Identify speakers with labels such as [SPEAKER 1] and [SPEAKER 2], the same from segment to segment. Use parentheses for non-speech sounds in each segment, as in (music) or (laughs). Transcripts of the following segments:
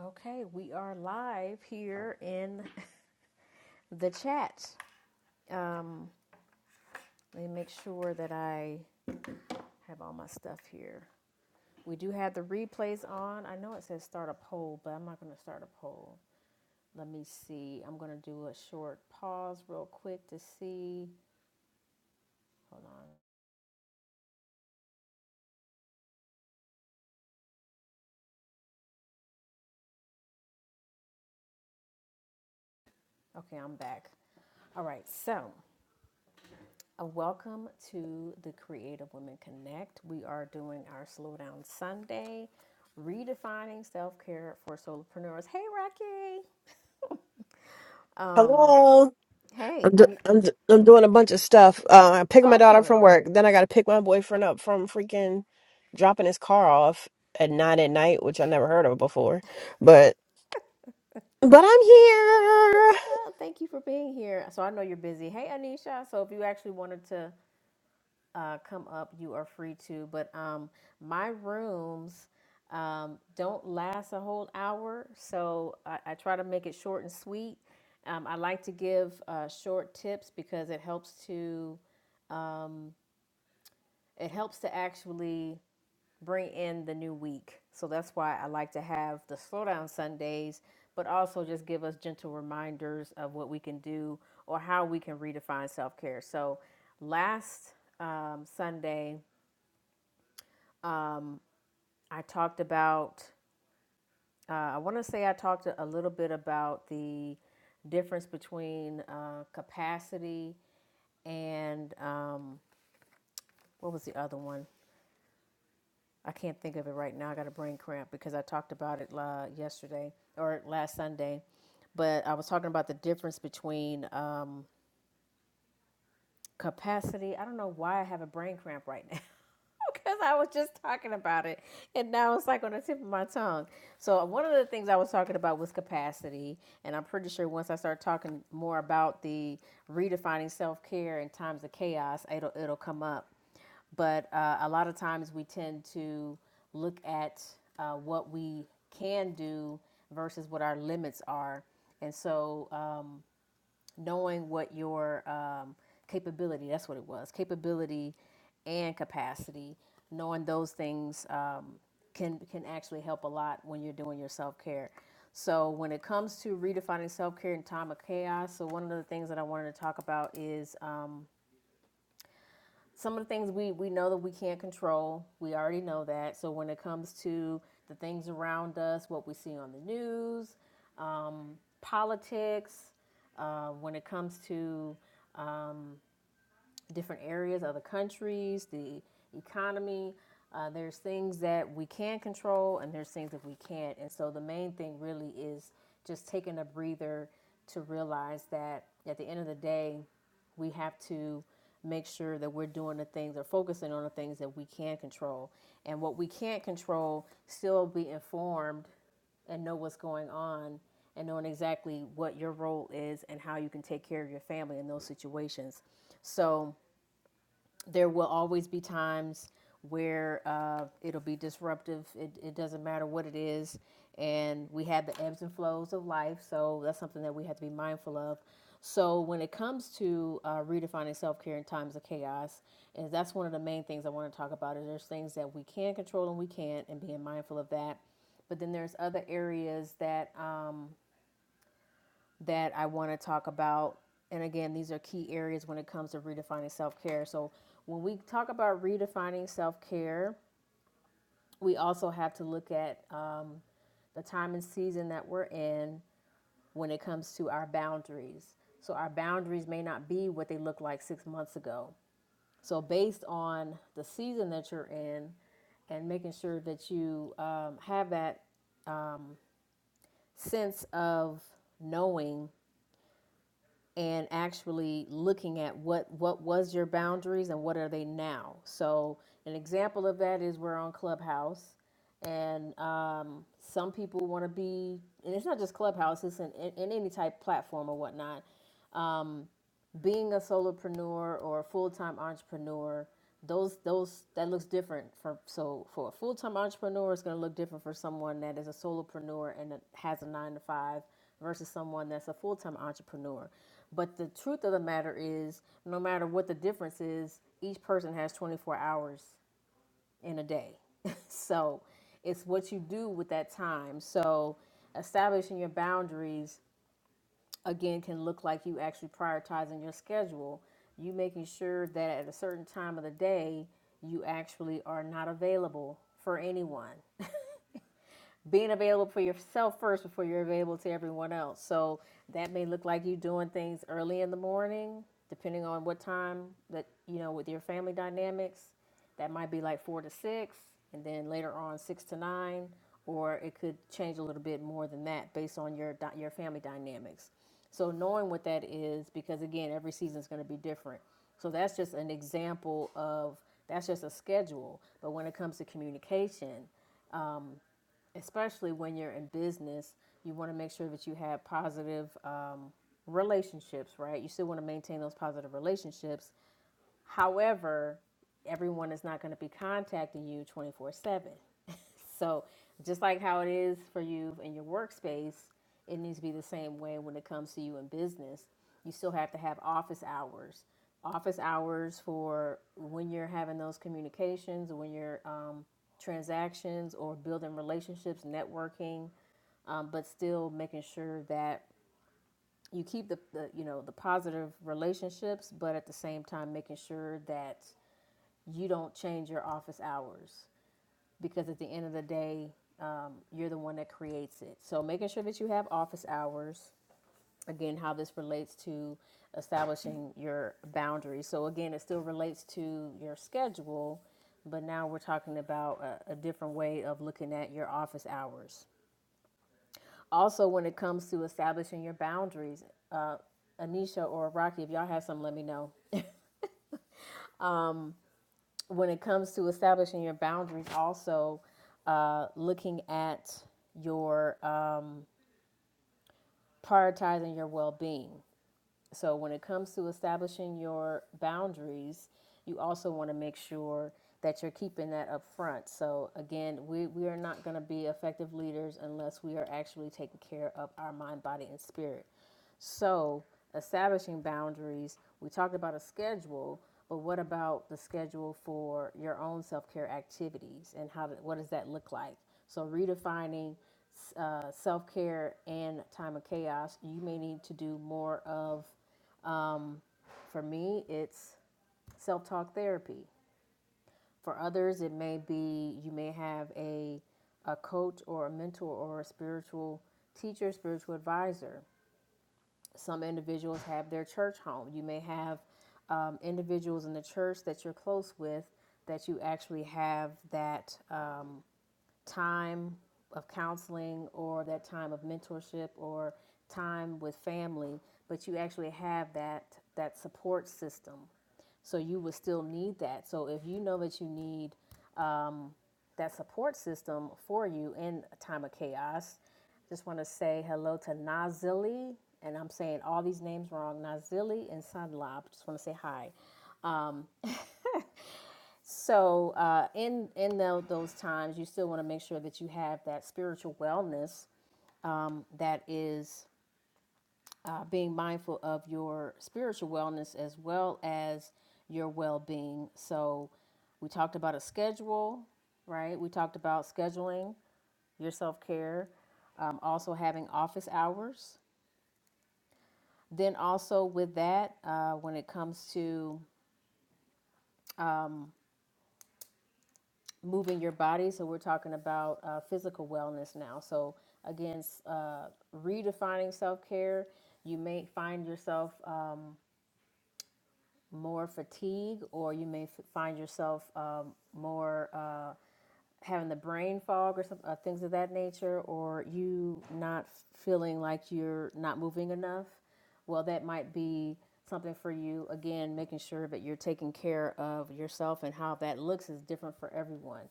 [SPEAKER 1] Okay, we are live here in the chat. Um, let me make sure that I have all my stuff here. We do have the replays on. I know it says start a poll, but I'm not going to start a poll. Let me see. I'm going to do a short pause real quick to see. Hold on. Okay, I'm back. All right, so Uh, Welcome to the Creative Women Connect. We are doing our Slowdown Sunday, redefining self care for solopreneurs. Hey, Rocky. Um,
[SPEAKER 2] Hello.
[SPEAKER 1] hey,
[SPEAKER 2] I'm, do-
[SPEAKER 1] I,
[SPEAKER 2] I'm, d- I'm doing a bunch of stuff. Uh, I'm picking my
[SPEAKER 1] oh, don't
[SPEAKER 2] daughter up from
[SPEAKER 1] worry.
[SPEAKER 2] work. Then I got to pick my boyfriend up from freaking dropping his car off at nine at night, which I never heard of before. But but I'm here.
[SPEAKER 1] Yeah, thank you for being here. So I know you're busy. Hey, Anisha. So if you actually wanted to uh, come up, you are free to. But um, my rooms um, don't last a whole hour, so I, I try to make it short and sweet. Um, I like to give uh, short tips because it helps to it helps to actually bring in the new week. So that's why I like to have the slow down Sundays, but also just give us gentle reminders of what we can do or how we can redefine self care. So last um, Sunday, I talked about, uh, I want to say I talked a little bit about the difference between uh, capacity and um, what was the other one? I can't think of it right now. I got a brain cramp because I talked about it uh, yesterday or last Sunday. But I was talking about the difference between um, capacity. I don't know why I have a brain cramp right now. (laughs) because I was just talking about it, and now it's like on the tip of my tongue. So one of the things I was talking about was capacity, and I'm pretty sure once I start talking more about the redefining self care in times of chaos, it'll it'll come up. But uh, a lot of times we tend to look at uh, what we can do versus what our limits are, and so. Um, knowing what your um, capability that's what it was capability and capacity knowing those things um, can can actually help a lot when you're doing your self-care so when it comes to redefining self-care in time of chaos so one of the things that i wanted to talk about is um, some of the things we, we know that we can't control we already know that so when it comes to the things around us what we see on the news politics uh, when it comes to different areas, other countries, the economy. Uh, there's things that we can control, and there's things that we can't. And so the main thing really is just taking a breather to realize that at the end of the day, we have to make sure that we're doing the things or focusing on the things that we can control. And what we can't control, still be informed and know what's going on and knowing exactly what your role is and how you can take care of your family in those situations. So, there will always be times where uh, it'll be disruptive. It, it doesn't matter what it is. And we have the ebbs and flows of life. So that's something that we have to be mindful of. So when it comes to uh, redefining self care in times of chaos, and that's one of the main things I want to talk about is there's things that we can control and we can't, and being mindful of that. But then there's other areas that um, that I want to talk about. And again, these are key areas when it comes to redefining self care. So, when we talk about redefining self care, we also have to look at um, the time and season that we're in when it comes to our boundaries. So, our boundaries may not be what they looked like six months ago. So, based on the season that you're in and making sure that you um, have that sense of knowing and actually looking at what what was your boundaries and what are they now so an example of that is we're on clubhouse and um, some people want to be and it's not just clubhouse it's in, in, in any type platform or whatnot being a solopreneur or a full-time entrepreneur those those that looks different for so for a full-time entrepreneur it's going to look different for someone that is a solopreneur and that has a nine to five versus someone that's a full-time entrepreneur but the truth of the matter is no matter what the difference is each person has 24 hours in a day (laughs) so it's what you do with that time so establishing your boundaries again can look like you actually prioritizing your schedule you making sure that at a certain time of the day you actually are not available for anyone being available for yourself first before you're available to everyone else. So that may look like you doing things early in the morning, depending on what time that you know with your family dynamics. That might be like four to six, and then later on six to nine, or it could change a little bit more than that based on your dy- your family dynamics. So knowing what that is, because again, every season is going to be different. So that's just an example of that's just a schedule. But when it comes to communication, especially when you're in business, you want to make sure that you have positive um, relationships, right? You still want to maintain those positive relationships. However, everyone is not going to be contacting you 24 7. So, just like how it is for you in your workspace, it needs to be the same way when it comes to you in business. You still have to have office hours. Office hours for when you're having those communications, when you're um, transactions or building relationships, networking, um, but still making sure that you keep the, the you know the positive relationships, but at the same time making sure that you don't change your office hours because at the end of the day, um, you're the one that creates it. So making sure that you have office hours. Again, how this relates to establishing your boundaries. So again, it still relates to your schedule, but now we're talking about a, a different way of looking at your office hours. Also, when it comes to establishing your boundaries, Anisha or Rocky, if y'all have some, let me know. When it comes to establishing your boundaries, also uh, looking at your um, prioritizing your well being. So when it comes to establishing your boundaries, you also want to make sure that you're keeping that up front. So again, we, we are not going to be effective leaders unless we are actually taking care of our mind, body, and spirit. So establishing boundaries, we talked about a schedule, but what about the schedule for your own self-care activities and how, what does that look like? So redefining uh, self care and time of chaos, you may need to do more of for me, it's self talk therapy. For others, it may be you may have a, a coach or a mentor or a spiritual teacher, spiritual advisor. Some individuals have their church home. You may have um, individuals in the church that you're close with that you actually have that uh, time of counseling or that time of mentorship or time with family, but you actually have that that support system So you would still need that. So if you know that you need that support system for you in a time of chaos, just want to say hello to Nazili, and I'm saying all these names wrong. Nazili and Sunlab. Just want to say hi. So uh, in in tho- those times, you still want to make sure that you have that spiritual wellness that is uh, being mindful of your spiritual wellness as well as your well being. So, we talked about a schedule, right? We talked about scheduling your self care, um, also having office hours. Then, also with that, uh, when it comes to moving your body, so we're talking about uh, physical wellness now. So, again, s- uh, redefining self care, you may find yourself more fatigue, or you may f- find yourself um, more. Uh, having the brain fog or some uh, things of that nature, or you not feeling like you're not moving enough, well, that might be something for you. Again, making sure that you're taking care of yourself and how that looks is different for everyone.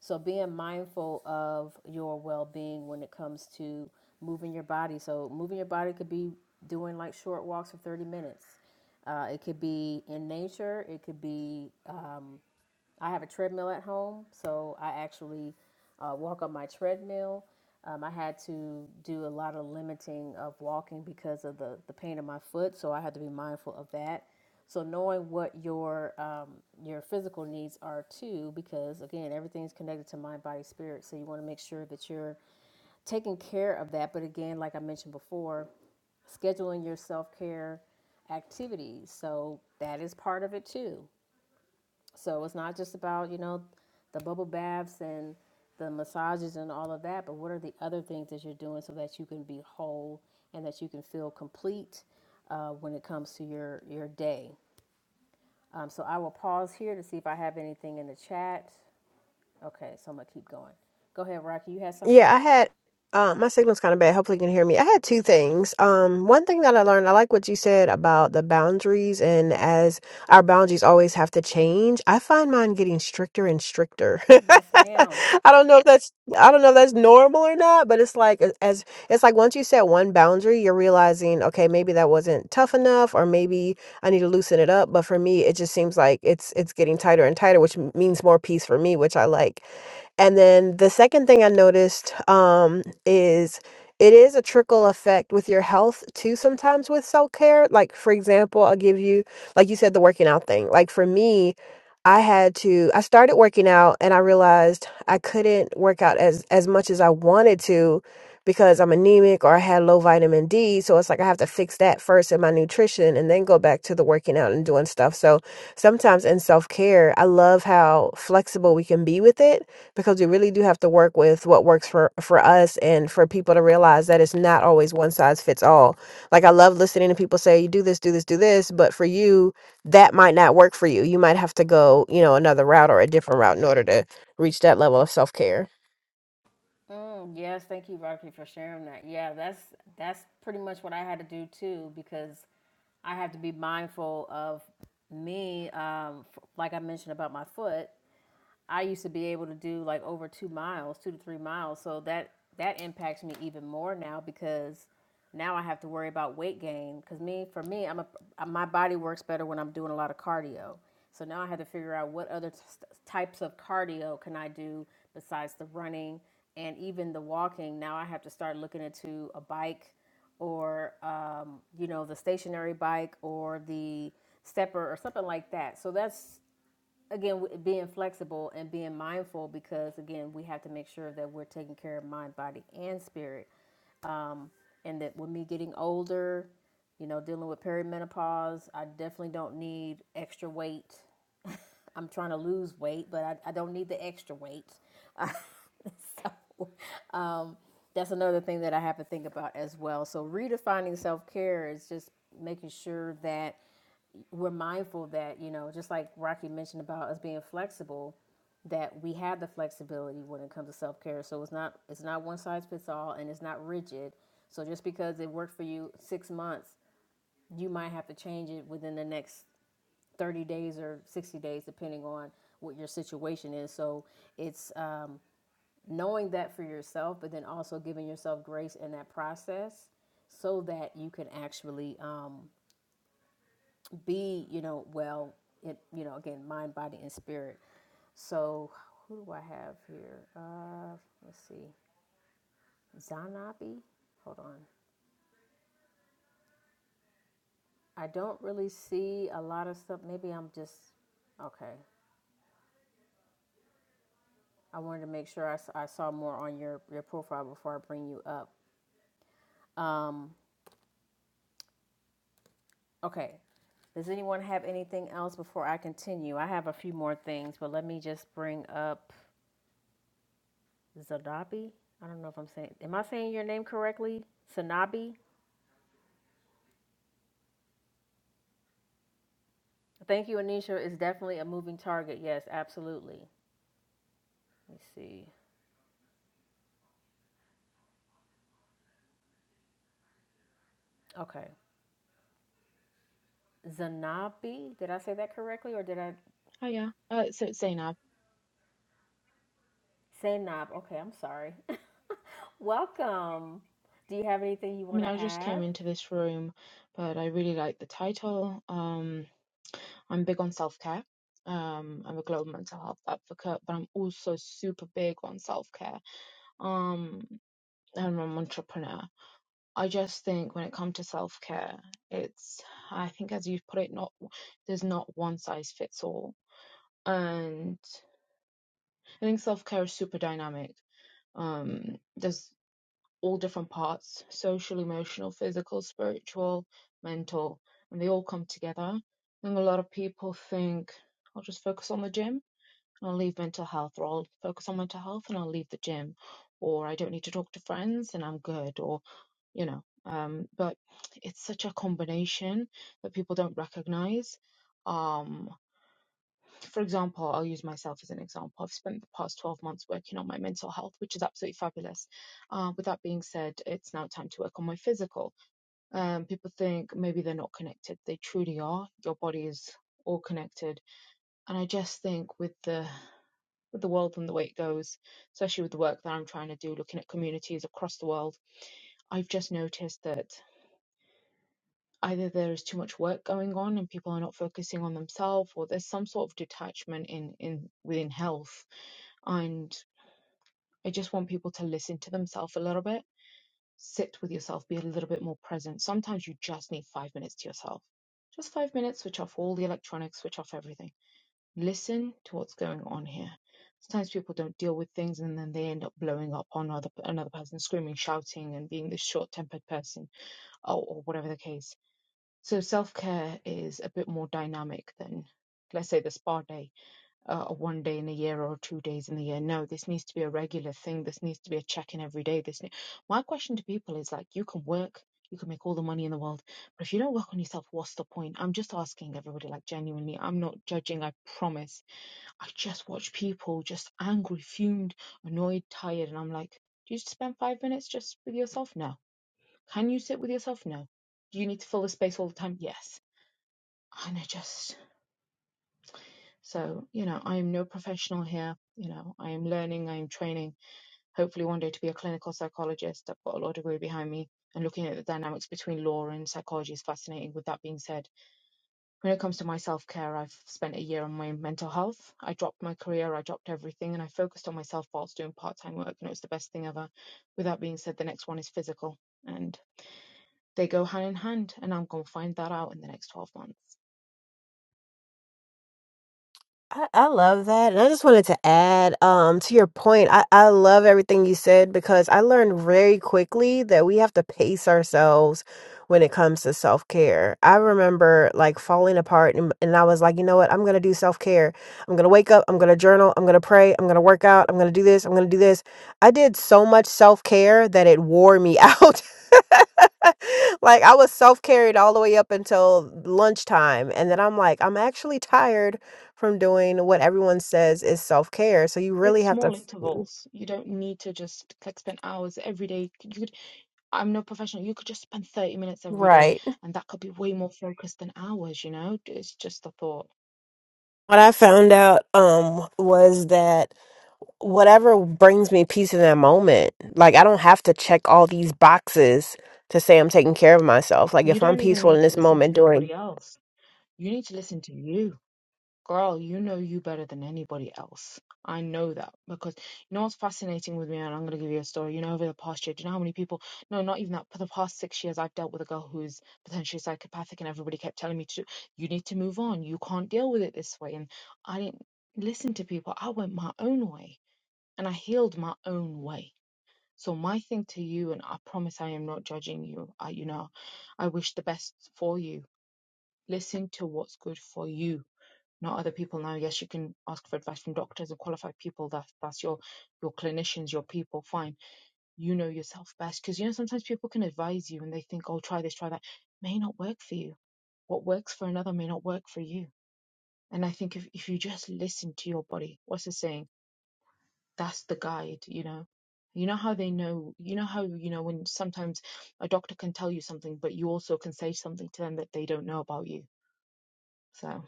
[SPEAKER 1] So, being mindful of your well being when it comes to moving your body. So, moving your body could be doing like short walks for 30 minutes. Uh, it could be in nature. It could be I have a treadmill at home, so I actually uh, walk on my treadmill. Um, I had to do a lot of limiting of walking because of the, the pain in my foot, so I had to be mindful of that. So knowing what your um, your physical needs are too, because again, everything's connected to mind, body, spirit. So you want to make sure that you're taking care of that. But again, like I mentioned before, scheduling your self care activities. So that is part of it too. So it's not just about, you know, the bubble baths and the massages and all of that, but what are the other things that you're doing so that you can be whole and that you can feel complete uh, when it comes to your, your day? Um, so I will pause here to see if I have anything in the chat. Okay, so I'm gonna keep going. Go ahead, Rocky. You had something?
[SPEAKER 2] Yeah, I had um my signal's kind of bad. Hopefully you can hear me. I had two things. Um one thing that I learned, I like what you said about the boundaries and as our boundaries always have to change, I find mine getting stricter and stricter. (laughs)
[SPEAKER 1] Yes, ma'am.
[SPEAKER 2] I don't know if that's I don't know if that's normal or not, but it's like a- as it's like once you set one boundary, you're realizing, okay, maybe that wasn't tough enough or maybe I need to loosen it up, but for me it just seems like it's it's getting tighter and tighter, which m- means more peace for me, which I like. And then the second thing I noticed um, is it is a trickle effect with your health too, sometimes with self care. Like, for example, I'll give you, like you said, the working out thing. Like, for me, I had to, I started working out and I realized I couldn't work out as, as much as I wanted to because I'm anemic or I had low vitamin D. So it's like I have to fix that first in my nutrition and then go back to the working out and doing stuff. So sometimes in self care, I love how flexible we can be with it because we really do have to work with what works for for us and for people to realize that it's not always one size fits all. Like I love listening to people say, "You do this, do this, do this," but for you, that might not work for you. You might have to go, you know, another route or a different route in order to reach that level of self care.
[SPEAKER 1] Mm, yes, thank you, Rocky, for sharing that. Yeah, that's that's pretty much what I had to do too, because I had to be mindful of me, um, f- like I mentioned about my foot. I used to be able to do like over two miles, two to three miles. So that that impacts me even more now because now I have to worry about weight gain. Because me, for me, I'm a uh, my body works better when I'm doing a lot of cardio. So now I have to figure out what other t- types of cardio can I do besides the running and even the walking. Now I have to start looking into a bike or um, you know the stationary bike or the stepper or something like that. So that's again being flexible and being mindful because again we have to make sure that we're taking care of mind body and spirit and that with me getting older you know dealing with perimenopause i definitely don't need extra weight i'm trying to lose weight but i, I don't need the extra weight (laughs) so that's another thing that i have to think about as well so redefining self-care is just making sure that we're mindful that you know just like rocky mentioned about us being flexible that we have the flexibility when it comes to self-care so it's not it's not one size fits all and it's not rigid so just because it worked for you six months you might have to change it within the next 30 days or 60 days depending on what your situation is so it's um, knowing that for yourself but then also giving yourself grace in that process so that you can actually um, be, you know, well, it, you know, again, mind, body, and spirit. So who do I have here? Uh, let's see, Zanabi. Hold on. I don't really see a lot of stuff. Maybe I'm just okay. I wanted to make sure I I saw more on your your profile before I bring you up. Um, okay. Does anyone have anything else before I continue? I have a few more things, but let me just bring up Zanabi. I don't know if I'm saying. Am I saying your name correctly? Zanabi. Thank you, Anisha. It's definitely a moving target. Yes, absolutely. Let me see. Okay. Zanabi. Did I say that correctly or did I
[SPEAKER 3] Hiya. Uh, so it's Zainab.
[SPEAKER 1] say knob? Okay, I'm sorry. (laughs) Welcome. Do you have anything you
[SPEAKER 3] I
[SPEAKER 1] want
[SPEAKER 3] mean,
[SPEAKER 1] to
[SPEAKER 3] I just came
[SPEAKER 1] add?
[SPEAKER 3] into this room, but I really like the title. Um, I'm big on self-care. Um, I'm a global mental health advocate, but I'm also super big on self-care. Um, and I'm an entrepreneur. I just think when it comes to self-care, it's, I think as you've put it, not, there's not one size fits all. And I think self-care is super dynamic. Um, there's all different parts social, emotional, physical, spiritual, mental and they all come together. I think a lot of people think I'll just focus on the gym and I'll leave mental health, or I'll focus on mental health and I'll leave the gym, or I don't need to talk to friends and I'm good, or you know. Um, but it's such a combination that people don't recognize. Um, for example, I'll use myself as an example. I've spent the past 12 months working on my mental health, which is absolutely fabulous. Uh, with that being said, it's now time to work on my physical. Um, people think maybe they're not connected. They truly are. Your body is all connected. And I just think with the with the world and the way it goes, especially with the work that I'm trying to do, looking at communities across the world, I've just noticed that either there is too much work going on and people are not focusing on themselves, or there's some sort of detachment in, in within health And I just want people to listen to themselves a little bit, sit with yourself, be a little bit more present. Sometimes you just need five minutes to yourself. Just five minutes, switch off all the electronics, switch off everything. Listen to what's going on here. Sometimes people don't deal with things and then they end up blowing up on other, another person, screaming, shouting, and being this short tempered person or, or whatever the case. So self care is a bit more dynamic than, let's say, the spa day uh, a one day in a year or two days in a year. No, this needs to be a regular thing. This needs to be a check in every day. This ne- my question to people is like, you can work, you can make all the money in the world, but if you don't work on yourself, what's the point? I'm just asking everybody, like genuinely, I'm not judging. I promise. I just watch people just angry, fumed, annoyed, tired, and I'm like, do you spend five minutes just with yourself? No. Can you sit with yourself? No. Do you need to fill the space all the time? Yes. And I just so, you know, I am no professional here. You know, I am learning, I am training, hopefully one day to be a clinical psychologist. I've got a law degree behind me and looking at the dynamics between law and psychology is fascinating. With that being said, when it comes to my self care, I've spent a year on my mental health. I dropped my career, I dropped everything, and I focused on myself whilst doing part time work, and it was the best thing ever. With that being said, the next one is physical, and they go hand in hand, and I'm going to find that out in the next 12 months.
[SPEAKER 2] I, I love that. And I just wanted to add um, to your point. I, I love everything you said because I learned very quickly that we have to pace ourselves when it comes to self care. I remember like falling apart, and, and I was like, you know what? I'm going to do self care. I'm going to wake up. I'm going to journal. I'm going to pray. I'm going to work out. I'm going to do this. I'm going to do this. I did so much self care that it wore me (laughs) out. (laughs) like I was self carried all the way up until lunchtime, and then I'm like, I'm actually tired from doing what everyone says is self-care. So you really
[SPEAKER 3] It's
[SPEAKER 2] have to
[SPEAKER 3] small
[SPEAKER 2] f-
[SPEAKER 3] intervals. You don't need to just like spend hours every day. You could, I'm no professional. You could just spend 30 minutes every day,
[SPEAKER 2] right.
[SPEAKER 3] and that could be way more focused than hours, you know? It's just a thought.
[SPEAKER 2] What I found out um was that whatever brings me peace in that moment. Like I don't have to check all these boxes to say I'm taking care of myself. Like
[SPEAKER 3] You
[SPEAKER 2] if I'm
[SPEAKER 3] don't even
[SPEAKER 2] peaceful in
[SPEAKER 3] need to
[SPEAKER 2] this
[SPEAKER 3] listen to
[SPEAKER 2] moment during
[SPEAKER 3] nobody else. You need to listen to you. Girl, you know you better than anybody else. I know that because you know what's fascinating with me, and I'm going to give you a story. You know, over the past year, do you know how many people, no, not even that, for the past six years, I've dealt with a girl who's potentially psychopathic, and everybody kept telling me to, do- you need to move on. You can't deal with it this way. And I didn't listen to people. I went my own way and I healed my own way. So my thing to you, and I promise I am not judging you. I, you know, I wish the best for you. Listen to what's good for you not other people now yes you can ask for advice from doctors and qualified people that that's your your clinicians your people fine you know yourself best because you know sometimes people can advise you and they think oh try this try that may not work for you what works for another may not work for you and i think if, if you just listen to your body what's the saying that's the guide you know you know how they know you know how you know when sometimes a doctor can tell you something but you also can say something to them that they don't know about you so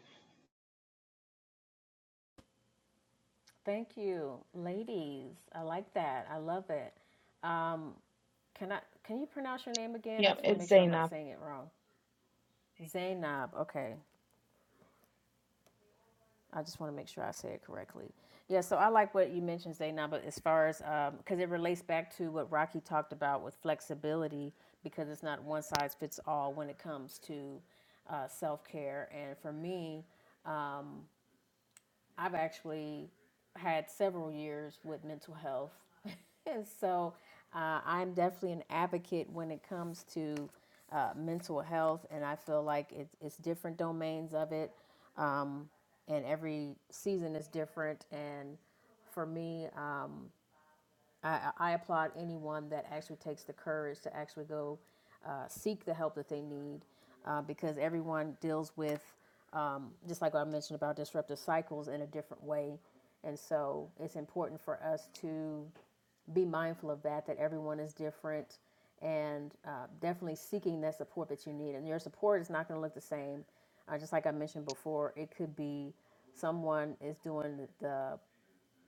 [SPEAKER 1] Thank you, ladies. I like that. I love it. Um, can I? Can you pronounce your name again? I
[SPEAKER 3] yeah
[SPEAKER 1] just want to
[SPEAKER 3] it's
[SPEAKER 1] make sure I'm not
[SPEAKER 3] Zainab.
[SPEAKER 1] saying it wrong. Zainab. Okay. I just want to make sure I say it correctly. Yeah, so I like what you mentioned, Zainab, but as far as, because it relates back to what Rocky talked about with flexibility, because it's not one size fits all when it comes to uh, self care. And for me, I've actually had several years with mental health. (laughs) and so uh, I'm definitely an advocate when it comes to uh, mental health. And I feel like it's, it's different domains of it. Um, and every season is different. And for me, I, I applaud anyone that actually takes the courage to actually go uh, seek the help that they need uh, because everyone deals with, um, just like I mentioned about disruptive cycles in a different way. And so it's important for us to be mindful of that, that everyone is different and uh, definitely seeking that support that you need. And your support is not going to look the same. Uh, just like I mentioned before, it could be someone is doing the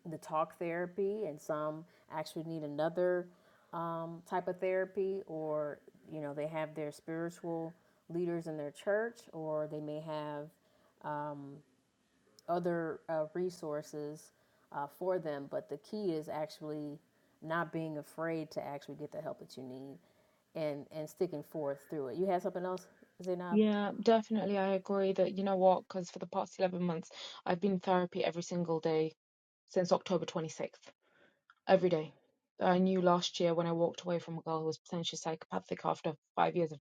[SPEAKER 1] the talk therapy, and some actually need another um, type of therapy, or you know, they have their spiritual leaders in their church, or they may have other uh, resources uh, for them. But the key is actually not being afraid to actually get the help that you need and and sticking forth through it. You had something else, Zainab?
[SPEAKER 3] Yeah, definitely. I agree that, you know what, because for the past 11 months, I've been in therapy every single day since October 26th, every day. I knew last year when I walked away from a girl who was potentially psychopathic after five years of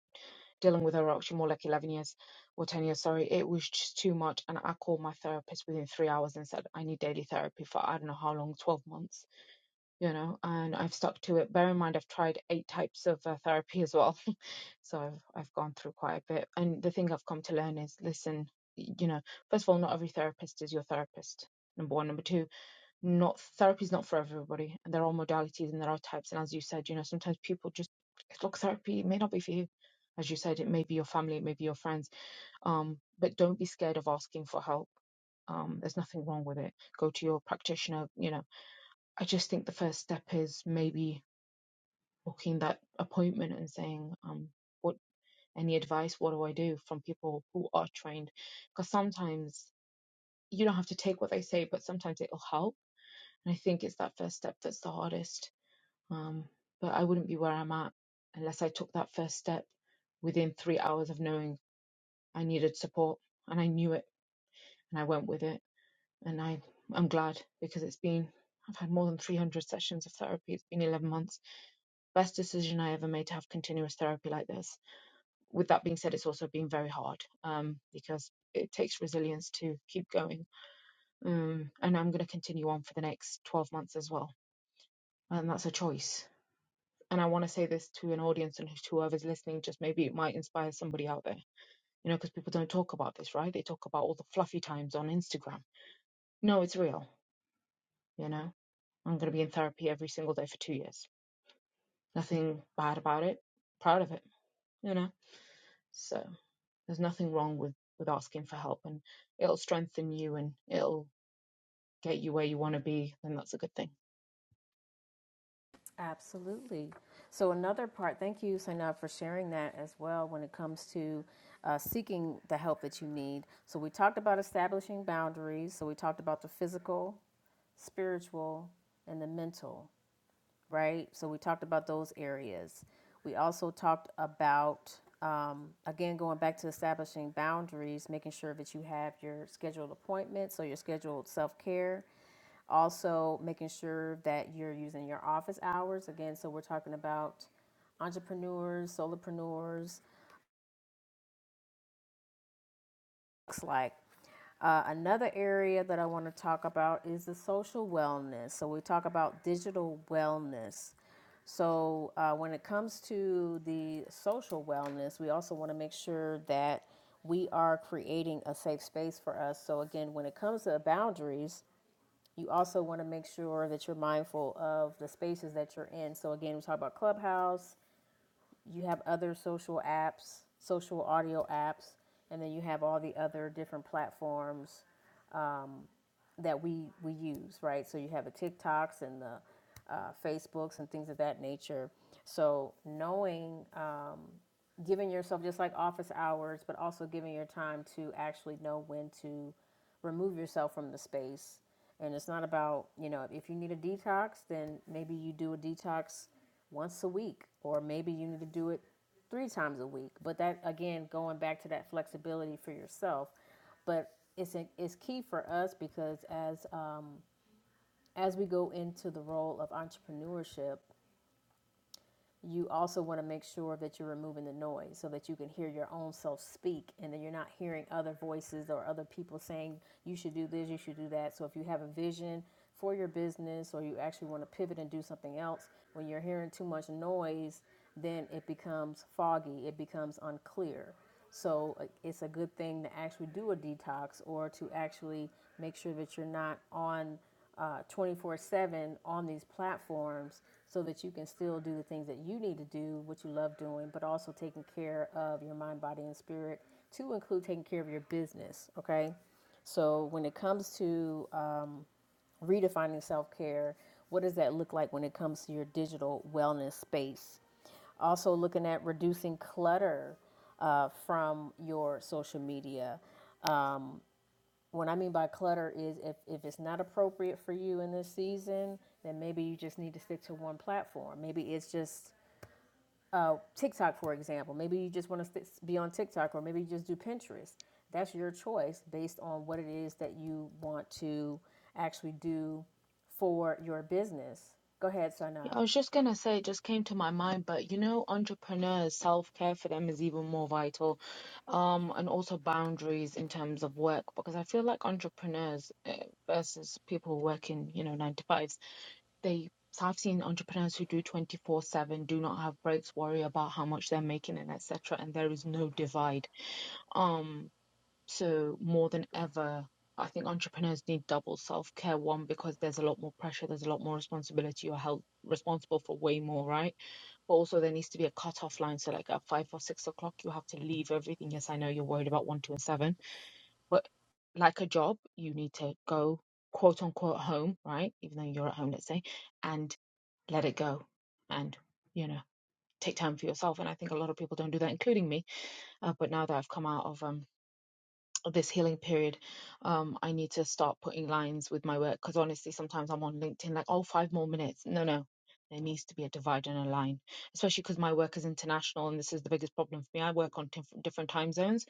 [SPEAKER 3] dealing with her, or actually more like 11 years or 10 years, sorry, it was just too much. And I called my therapist within three hours and said, I need daily therapy for I don't know how long, 12 months you know, and I've stuck to it. Bear in mind, I've tried eight types of uh, therapy as well, (laughs) so I've I've gone through quite a bit. And the thing I've come to learn is, listen, y- you know, first of all, not every therapist is your therapist. Number one, number two, not therapy is not for everybody, and there are modalities and there are types. And as you said, you know, sometimes people just look therapy may not be for you. As you said, it may be your family, it may be your friends, um, but don't be scared of asking for help um, there's nothing wrong with it. Go to your practitioner, you know, I just think the first step is maybe booking that appointment and saying, um, what any advice? What do I do from people who are trained? Because sometimes you don't have to take what they say, but sometimes it'll help. And I think it's that first step that's the hardest. Um, but I wouldn't be where I'm at unless I took that first step within three hours of knowing I needed support and I knew it and I went with it. And I, I'm glad because it's been, I've had more than 300 sessions of therapy. It's been 11 months best decision I ever made to have continuous therapy like this. With that being said, it's also been very hard um, because it takes resilience to keep going. Um, and I'm going to continue on for the next 12 months as well. And that's a choice. And I want to say this to an audience and to whoever's listening, just maybe it might inspire somebody out there, you know, because people don't talk about this, right? They talk about all the fluffy times on Instagram. No, it's real, you know. I'm going to be in therapy every single day for two years. Nothing bad about it. Proud of it, you know. So. There's nothing wrong with with asking for help, and it'll strengthen you and it'll get you where you want to be. Then that's a good thing.
[SPEAKER 1] Absolutely. So, another part, thank you, Sainab, for sharing that as well when it comes to uh, seeking the help that you need. So, we talked about establishing boundaries. So, we talked about the physical, spiritual, and the mental right? So we talked about those areas. We also talked about, um, again, going back to establishing boundaries, making sure that you have your scheduled appointments, so your scheduled self care. Also, making sure that you're using your office hours. Again, so we're talking about entrepreneurs, solopreneurs, looks like. Uh, another area that I want to talk about is the social wellness. So we talk about digital wellness. So uh, when it comes to the social wellness, we also want to make sure that we are creating a safe space for us. So again, when it comes to boundaries, you also want to make sure that you're mindful of the spaces that you're in. So again, we talk about clubhouse you have other social apps, social audio apps, and then you have all the other different platforms that we we use, right? So you have the TikToks and the uh, Facebooks and things of that nature. So knowing um, giving yourself just like office hours, but also giving your time to actually know when to remove yourself from the space. And it's not about, you know, if you need a detox, then maybe you do a detox once a week, or maybe you need to do it three times a week. But that, again, going back to that flexibility for yourself. But it's, a, it's key for us because as, um, as we go into the role of entrepreneurship, you also want to make sure that you're removing the noise so that you can hear your own self speak and then you're not hearing other voices or other people saying you should do this, you should do that. So if you have a vision for your business or you actually want to pivot and do something else, when you're hearing too much noise, then it becomes foggy, it becomes unclear. So uh, it's a good thing to actually do a detox or to actually make sure that you're not on uh, 24 7 on these platforms so that you can still do the things that you need to do, what you love doing, but also taking care of your mind, body, and spirit to include taking care of your business. Okay. So when it comes to um, redefining self care. What does that look like when it comes to your digital wellness space? Also, looking at reducing clutter uh, from your social media. What I mean by clutter is if, if it's not appropriate for you in this season, then maybe you just need to stick to one platform. Maybe it's just uh, TikTok, for example. Maybe you just want to st- be on TikTok, or maybe you just do Pinterest. That's your choice based on what it is that you want to actually do for your business. Go ahead,
[SPEAKER 3] Yeah,
[SPEAKER 1] Sanab.
[SPEAKER 3] I was just gonna say, it just came to my mind, but you know, entrepreneurs, self care for them is even more vital, um, and also boundaries in terms of work because I feel like entrepreneurs uh, versus people working, you know, nine to fives, they. So I've seen entrepreneurs who do 24/7, do not have breaks, worry about how much they're making and etc. and there is no divide. um. So more than ever, I think entrepreneurs need double self-care. One, because there's a lot more pressure, there's a lot more responsibility. You're held responsible for way more, right? But also there needs to be a cut-off line. So like at five or six o'clock, you have to leave everything. Yes, I know you're worried about one, two, and seven, but like a job, you need to go quote unquote home, right? Even though you're at home, let's say, and let it go and, you know, take time for yourself. And I think a lot of people don't do that, including me. Uh, but now that I've come out of um this healing period, um, I need to start putting lines with my work because honestly, sometimes I'm on LinkedIn like, oh, five more minutes. No, no, there needs to be a divide and a line, especially because my work is international and this is the biggest problem for me. I work on diff- different time zones.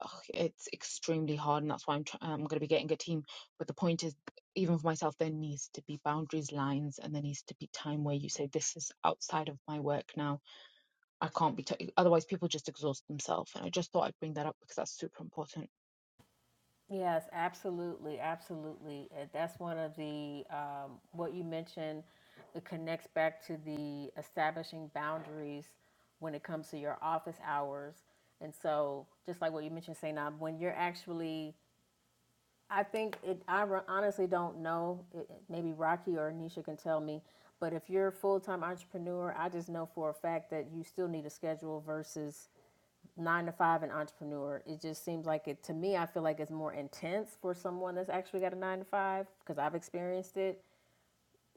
[SPEAKER 3] Ugh, it's extremely hard, and that's why I'm tr- I'm going to be getting a team. But the point is, even for myself, there needs to be boundaries, lines, and there needs to be time where you say this is outside of my work now I can't be, t- otherwise, people just exhaust themselves. And I just thought I'd bring that up because that's super important.
[SPEAKER 1] Yes, absolutely, absolutely. Uh, That's one of the um, what you mentioned. It connects back to the establishing boundaries when it comes to your office hours. And so, just like what you mentioned, Sanab, when you're actually I think it, I honestly don't know. it- Maybe Rocky or Nisha can tell me. But if you're a full time entrepreneur, I just know for a fact that you still need a schedule versus nine to five an entrepreneur. It just seems like it, to me, I feel like it's more intense for someone that's actually got a nine to five because I've experienced it.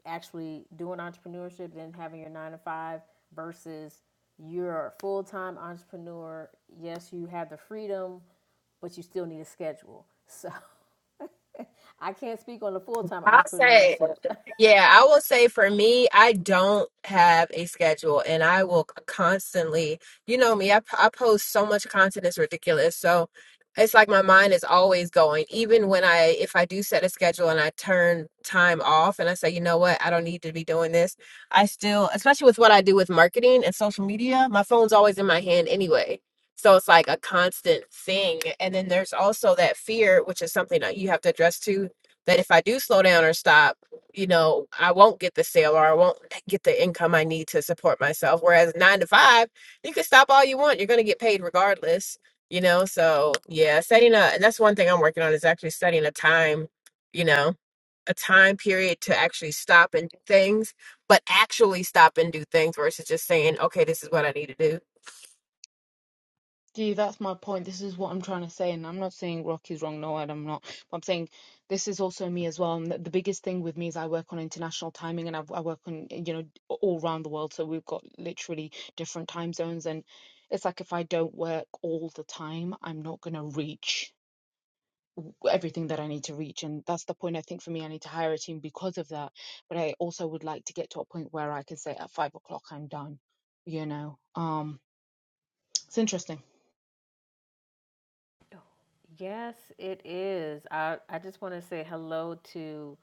[SPEAKER 1] Actually doing entrepreneurship, then having your nine to five versus you're a full time entrepreneur. Yes, you have the freedom, but you still need a schedule. (laughs) So I can't speak on the full time
[SPEAKER 2] I say
[SPEAKER 1] entrepreneurship.
[SPEAKER 2] Yeah, I will say for me, I don't have a schedule and I will constantly, you know me, I, p- I post so much content, it's ridiculous. So it's like my mind is always going, even when I, if I do set a schedule and I turn time off and I say, you know what, I don't need to be doing this, I still, especially with what I do with marketing and social media, my phone's always in my hand anyway. So it's like a constant thing. And then there's also that fear, which is something that you have to address too, that if I do slow down or stop, you know, I won't get the sale or I won't (laughs) get the income I need to support myself. Whereas nine to five, you can stop all you want. You're going to get paid regardless, you know? So, yeah, setting a, and that's one thing I'm working on is actually setting a time, you know, a time period to actually stop and do things, but actually stop and do things versus just saying, okay, this is what I need to do.
[SPEAKER 3] Gee, that's my point. This is what I'm trying to say, and I'm not saying Rocky's wrong. No, I'm not. But I'm saying this is also me as well. And the, the biggest thing with me is I work on international timing, and I, I work on you know all around the world. So we've got literally different time zones, and it's like if I don't work all the time, I'm not gonna reach everything that I need to reach. And that's the point I think for me. I need to hire a team because of that. But I also would like to get to a point where I can say at five o'clock I'm done. You know, um, it's interesting.
[SPEAKER 1] (laughs) yes, it is. I, I just want to say hello to.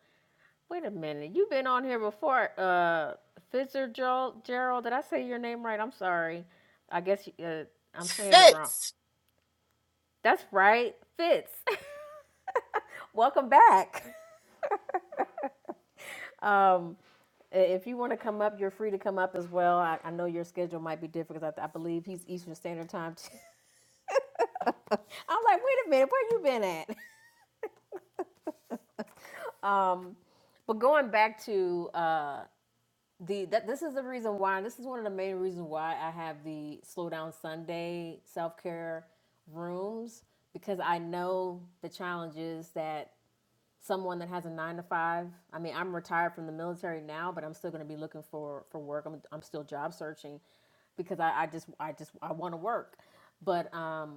[SPEAKER 1] Wait a minute. You've been on here before, uh, Fitzgerald. Gerald, did I say your name right? I'm sorry. I guess uh, I'm saying it wrong.
[SPEAKER 2] Fits.
[SPEAKER 1] That's right, Fitz. (laughs) Welcome back. Um, if you want to come up, you're free to come up as well. I, I know your schedule might be different because I, I believe he's Eastern Standard Time. Too. (laughs) I'm like, wait a minute, where you been at? Um, but going back to uh, the that this is the reason why, this is one of the main reasons why I have the slow down Sunday self care rooms because I know the challenges that someone that has a nine to five. I mean, I'm retired from the military now, but I'm still going to be looking for for work. I'm I'm still job searching because I, I just I just I want to work, but um,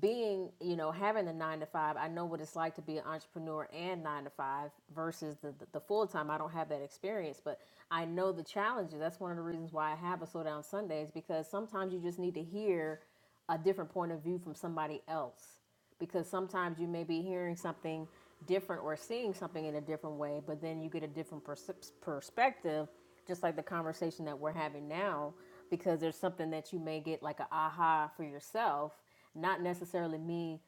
[SPEAKER 1] being, you know, having the nine to five, I know what it's like to be an entrepreneur and nine to five versus the, the, the full time. I don't have that experience, but I know the challenges. That's one of the reasons why I have a slow down Sundays because sometimes you just need to hear a different point of view from somebody else because sometimes you may be hearing something different or seeing something in a different way, but then you get a different pers- perspective, just like the conversation that we're having now, because there's something that you may get like a aha for yourself, not necessarily me.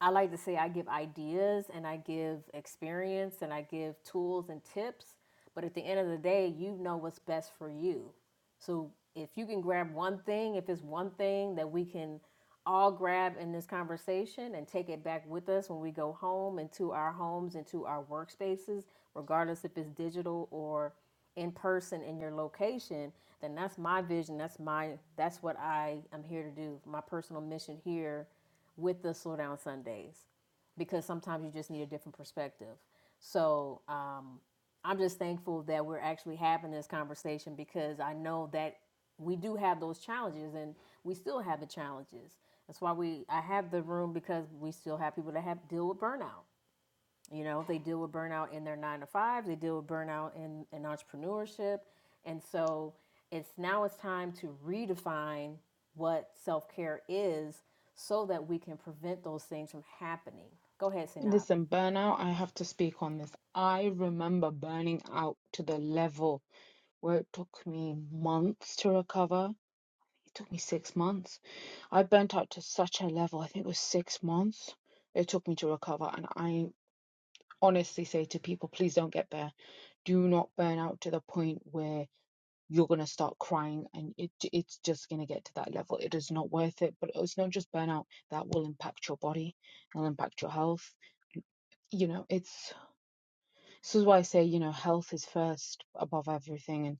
[SPEAKER 1] I like to say I give ideas and I give experience and I give tools and tips, but at the end of the day, you know what's best for you. So if you can grab one thing, if it's one thing that we can all grab in this conversation and take it back with us when we go home and to our homes and to our workspaces, regardless if it's digital or in person in your location, then that's my vision. That's my that's what I am here to do. My personal mission here with the Slow Down Sundays because sometimes you just need a different perspective. So, um, I'm just thankful that we're actually having this conversation because I know that we do have those challenges and we still have the challenges. That's why we I have the room because we still have people that have deal with burnout. You know, they deal with burnout in their nine to five, they deal with burnout in, in entrepreneurship. And so it's now it's time to redefine what self care is so that we can prevent those things from happening. Go ahead, Sinab.
[SPEAKER 3] Listen, burnout, I have to speak on this. I remember burning out to the level where it took me months to recover. It took me six months. I burnt out to such a level, I think it was six months it took me to recover. And I honestly say to people, please don't get there. Do not burn out to the point where you're going to start crying and it it's just going to get to that level. It is not worth it, but it's not just burnout that will impact your body, it'll impact your health. You know, it's This is why I say, you know, health is first above everything. And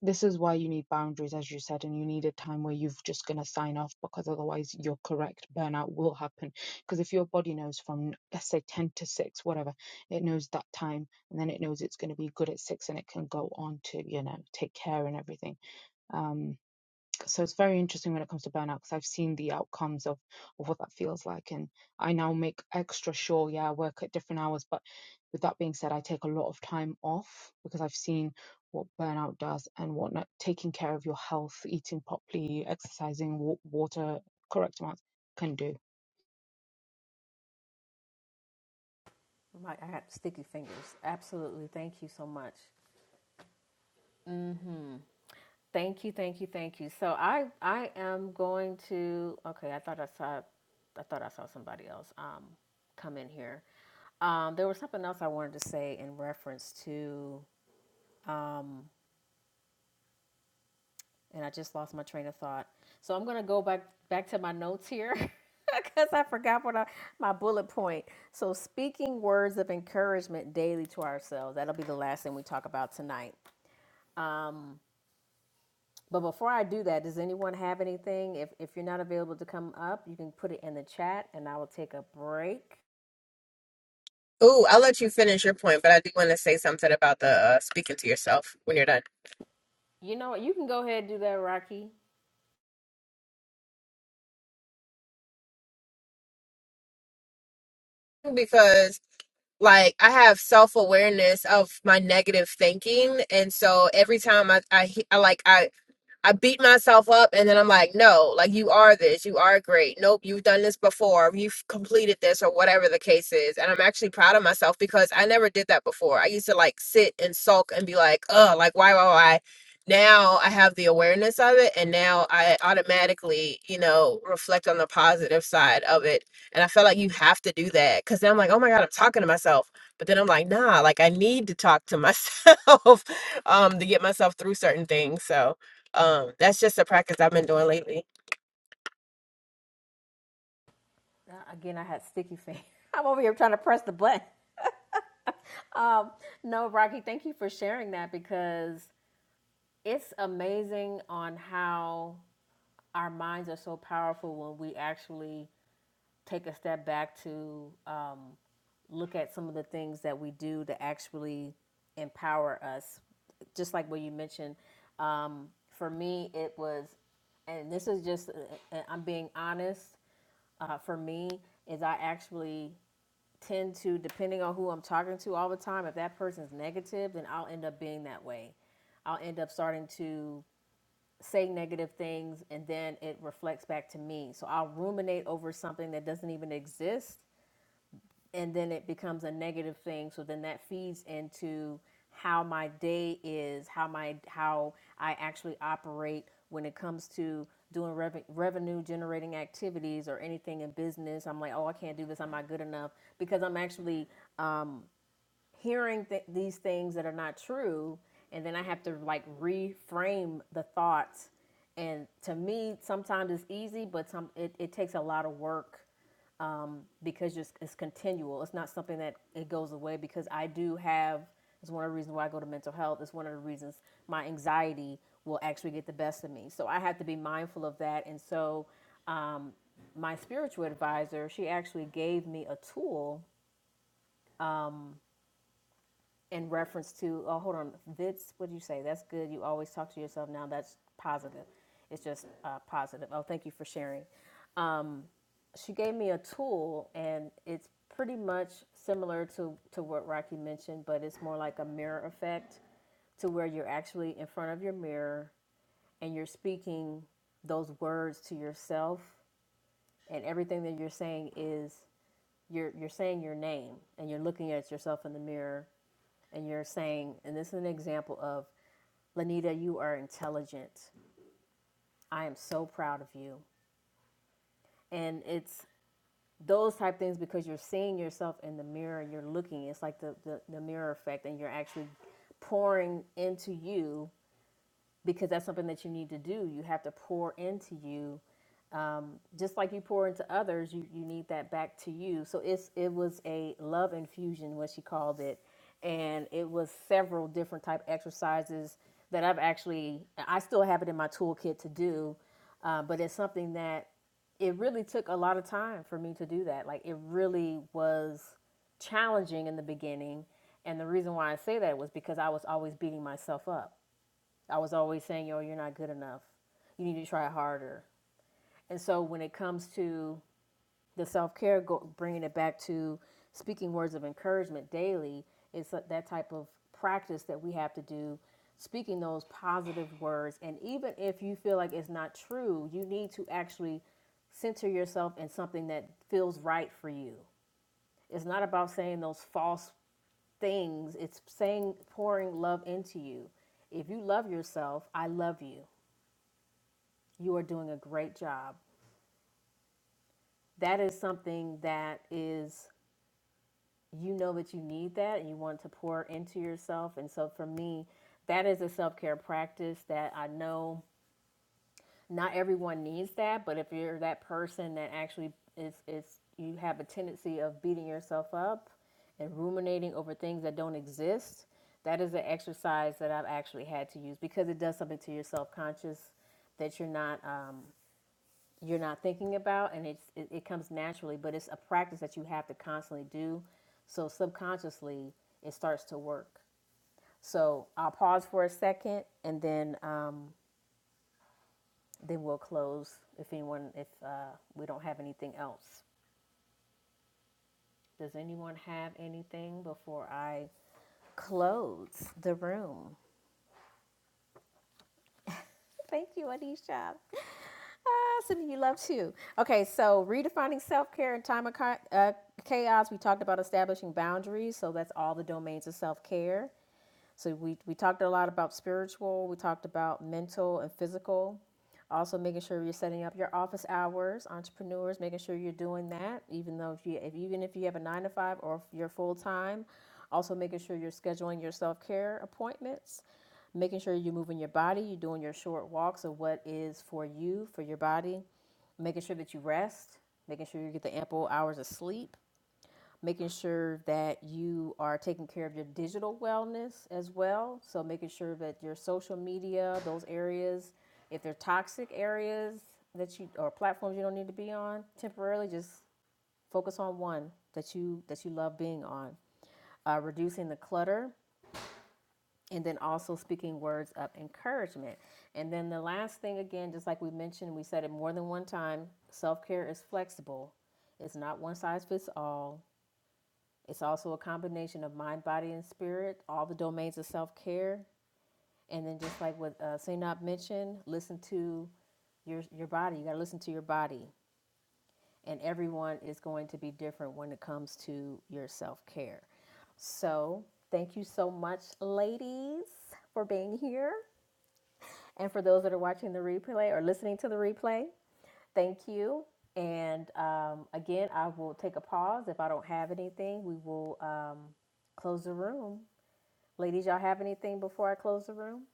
[SPEAKER 3] this is why you need boundaries, as you said, and you need a time where you've just going to sign off because otherwise you're correct. Burnout will happen. Because if your body knows from, let's say, 10 to 6, whatever, it knows that time and then it knows it's going to be good at 6 and it can go on to, you know, take care and everything. Um, so it's very interesting when it comes to burnout because I've seen the outcomes of, of what that feels like. And I now make extra sure, yeah, I work at different hours. But with that being said, I take a lot of time off because I've seen what burnout does and what not taking care of your health, eating properly, exercising, wa- water, correct amounts can do.
[SPEAKER 1] I got sticky fingers. Absolutely. Thank you so much. Thank you, thank you, thank you. So I I am going to okay, I thought I saw I thought I saw somebody else um come in here. Um there was something else I wanted to say in reference to and I just lost my train of thought. So I'm going to go back back to my notes here (laughs) cuz I forgot what I, my bullet point. So speaking words of encouragement daily to ourselves. That'll be the last thing we talk about tonight. Um, But before I do that, does anyone have anything? If if you're not available to come up, you can put it in the chat, and I will take a break.
[SPEAKER 2] Ooh, I'll let you finish your point, but I do want to say something about the uh, speaking to yourself when you're done.
[SPEAKER 1] You know what? You can go ahead and do that, Rocky.
[SPEAKER 2] Because like I have self awareness of my negative thinking, and so every time I, I, I like I I beat myself up and then I'm like, no, like you are this, you are great. Nope, you've done this before, you've completed this, or whatever the case is. And I'm actually proud of myself because I never did that before. I used to like sit and sulk and be like, oh, like why, why, why? Now I have the awareness of it, and now I automatically, you know, reflect on the positive side of it. And I felt like you have to do that because then I'm like, oh my God, I'm talking to myself. But then I'm like, nah, like I need to talk to myself (laughs) um, to get myself through certain things. So, um, that's just a practice I've been doing lately.
[SPEAKER 1] Uh, again, I had sticky fingers. (laughs) I'm over here trying to press the button. Um, no, Rocky, thank you for sharing that because it's amazing on how our minds are so powerful when we actually take a step back to um, look at some of the things that we do to actually empower us. Just like what you mentioned, um, for me, it was, and this is just, uh, I'm being honest, uh, for me, is I actually tend to, depending on who I'm talking to all the time, if that person's negative, then I'll end up being that way. I'll end up starting to say negative things and then it reflects back to me. So I'll ruminate over something that doesn't even exist and then it becomes a negative thing so then that feeds into how my day is how my how i actually operate when it comes to doing rev- revenue generating activities or anything in business i'm like oh i can't do this i'm not good enough because i'm actually hearing th- these things that are not true and then i have to like reframe the thoughts and to me sometimes it's easy but some it, it takes a lot of work because just it's continual. It's not something that it goes away because I do have. It's one of the reasons why I go to mental health. It's one of the reasons my anxiety will actually get the best of me. So I have to be mindful of that. And so my spiritual advisor, she actually gave me a tool in reference to. Oh, hold on, Vitz. What did you say? That's good. You always talk to yourself now. That's positive. It's just uh, positive. Oh, thank you for sharing. she gave me a tool and it's pretty much similar to, to what Rocky mentioned, but it's more like a mirror effect to where you're actually in front of your mirror and you're speaking those words to yourself and everything that you're saying is you're you're saying your name and you're looking at yourself in the mirror and you're saying and this is an example of Lanita, you are intelligent. I am so proud of you. And it's those type things because you're seeing yourself in the mirror and you're looking it's like the, the, the mirror effect and you're actually pouring into you because that's something that you need to do you have to pour into you just like you pour into others, you, you need that back to you. So it's it was a love infusion, what she called it, and it was several different type exercises that I've actually I still have it in my toolkit to do, uh, but it's something that it really took a lot of time for me to do that. Like it really was challenging in the beginning, and the reason why I say that was because I was always beating myself up. I was always saying, "Yo, you're not good enough. You need to try harder." And so when it comes to the self care, go bringing it back to speaking words of encouragement daily, it's that that type of practice that we have to do, speaking those positive words. And even if you feel like it's not true, you need to actually center yourself in something that feels right for you. It's not about saying those false things, it's saying pouring love into you. If you love yourself, I love you. You are doing a great job. That is something that is you know that you need that and you want to pour into yourself. And so for me, that is a self care practice that I know not everyone needs that, but if you're that person that actually is, is you have a tendency of beating yourself up and ruminating over things that don't exist, that is an exercise that I've actually had to use because it does something to your self conscious that you're not um, you're not thinking about and it's it, it comes naturally but it's a practice that you have to constantly do so subconsciously it starts to work so i'll pause for a second and then um, then we'll close if anyone if uh, we don't have anything else does anyone have anything before i close the room thank you adisha Ah, Sydney, you love too. Okay, so redefining self care in time of chi- uh, chaos. We talked about establishing boundaries, so that's all the domains of self care. So we, we talked a lot about spiritual, we talked about mental and physical. Also making sure you're setting up your office hours, entrepreneurs, making sure you're doing that, even though if you if even if you have a nine to five or if you're full time, also making sure you're scheduling your self care appointments making sure you're moving your body, you're doing your short walks of what is for you, for your body, making sure that you rest, making sure you get the ample hours of sleep, making sure that you are taking care of your digital wellness as well. So, making sure that your social media, those areas, if they're toxic areas that you or platforms you don't need to be on temporarily, just focus on one that you that you love being on. Uh, reducing the clutter and then also speaking words of encouragement. And then the last thing, again, just like we mentioned, we said it more than one time self care is flexible, it's not one size fits all. It's also a combination of mind, body, and spirit, all the domains of self care. And then, just like what uh, Sinop mentioned, listen to your, your body. You got to listen to your body. And everyone is going to be different when it comes to your self care. So, thank you so much, ladies, for being here. And for those that are watching the replay or listening to the replay, thank you. And um, again, I will take a pause. If I don't have anything, we will um, close the room. Ladies, y'all have anything before I close the room?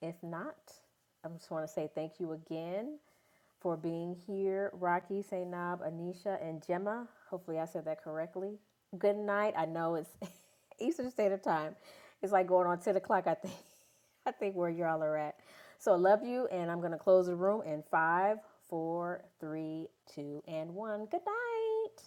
[SPEAKER 1] If not, I just want to say thank you again. for being here. Rocky, Sainab, Anisha, and Gemma. Hopefully, I said that correctly. Good night. I know it's (laughs) Eastern Standard Time. It's like going on 10 o'clock, I think. (laughs) I think where y'all are at. So, I love you, and I'm going to close the room in five, four, three, two, and one. Good night.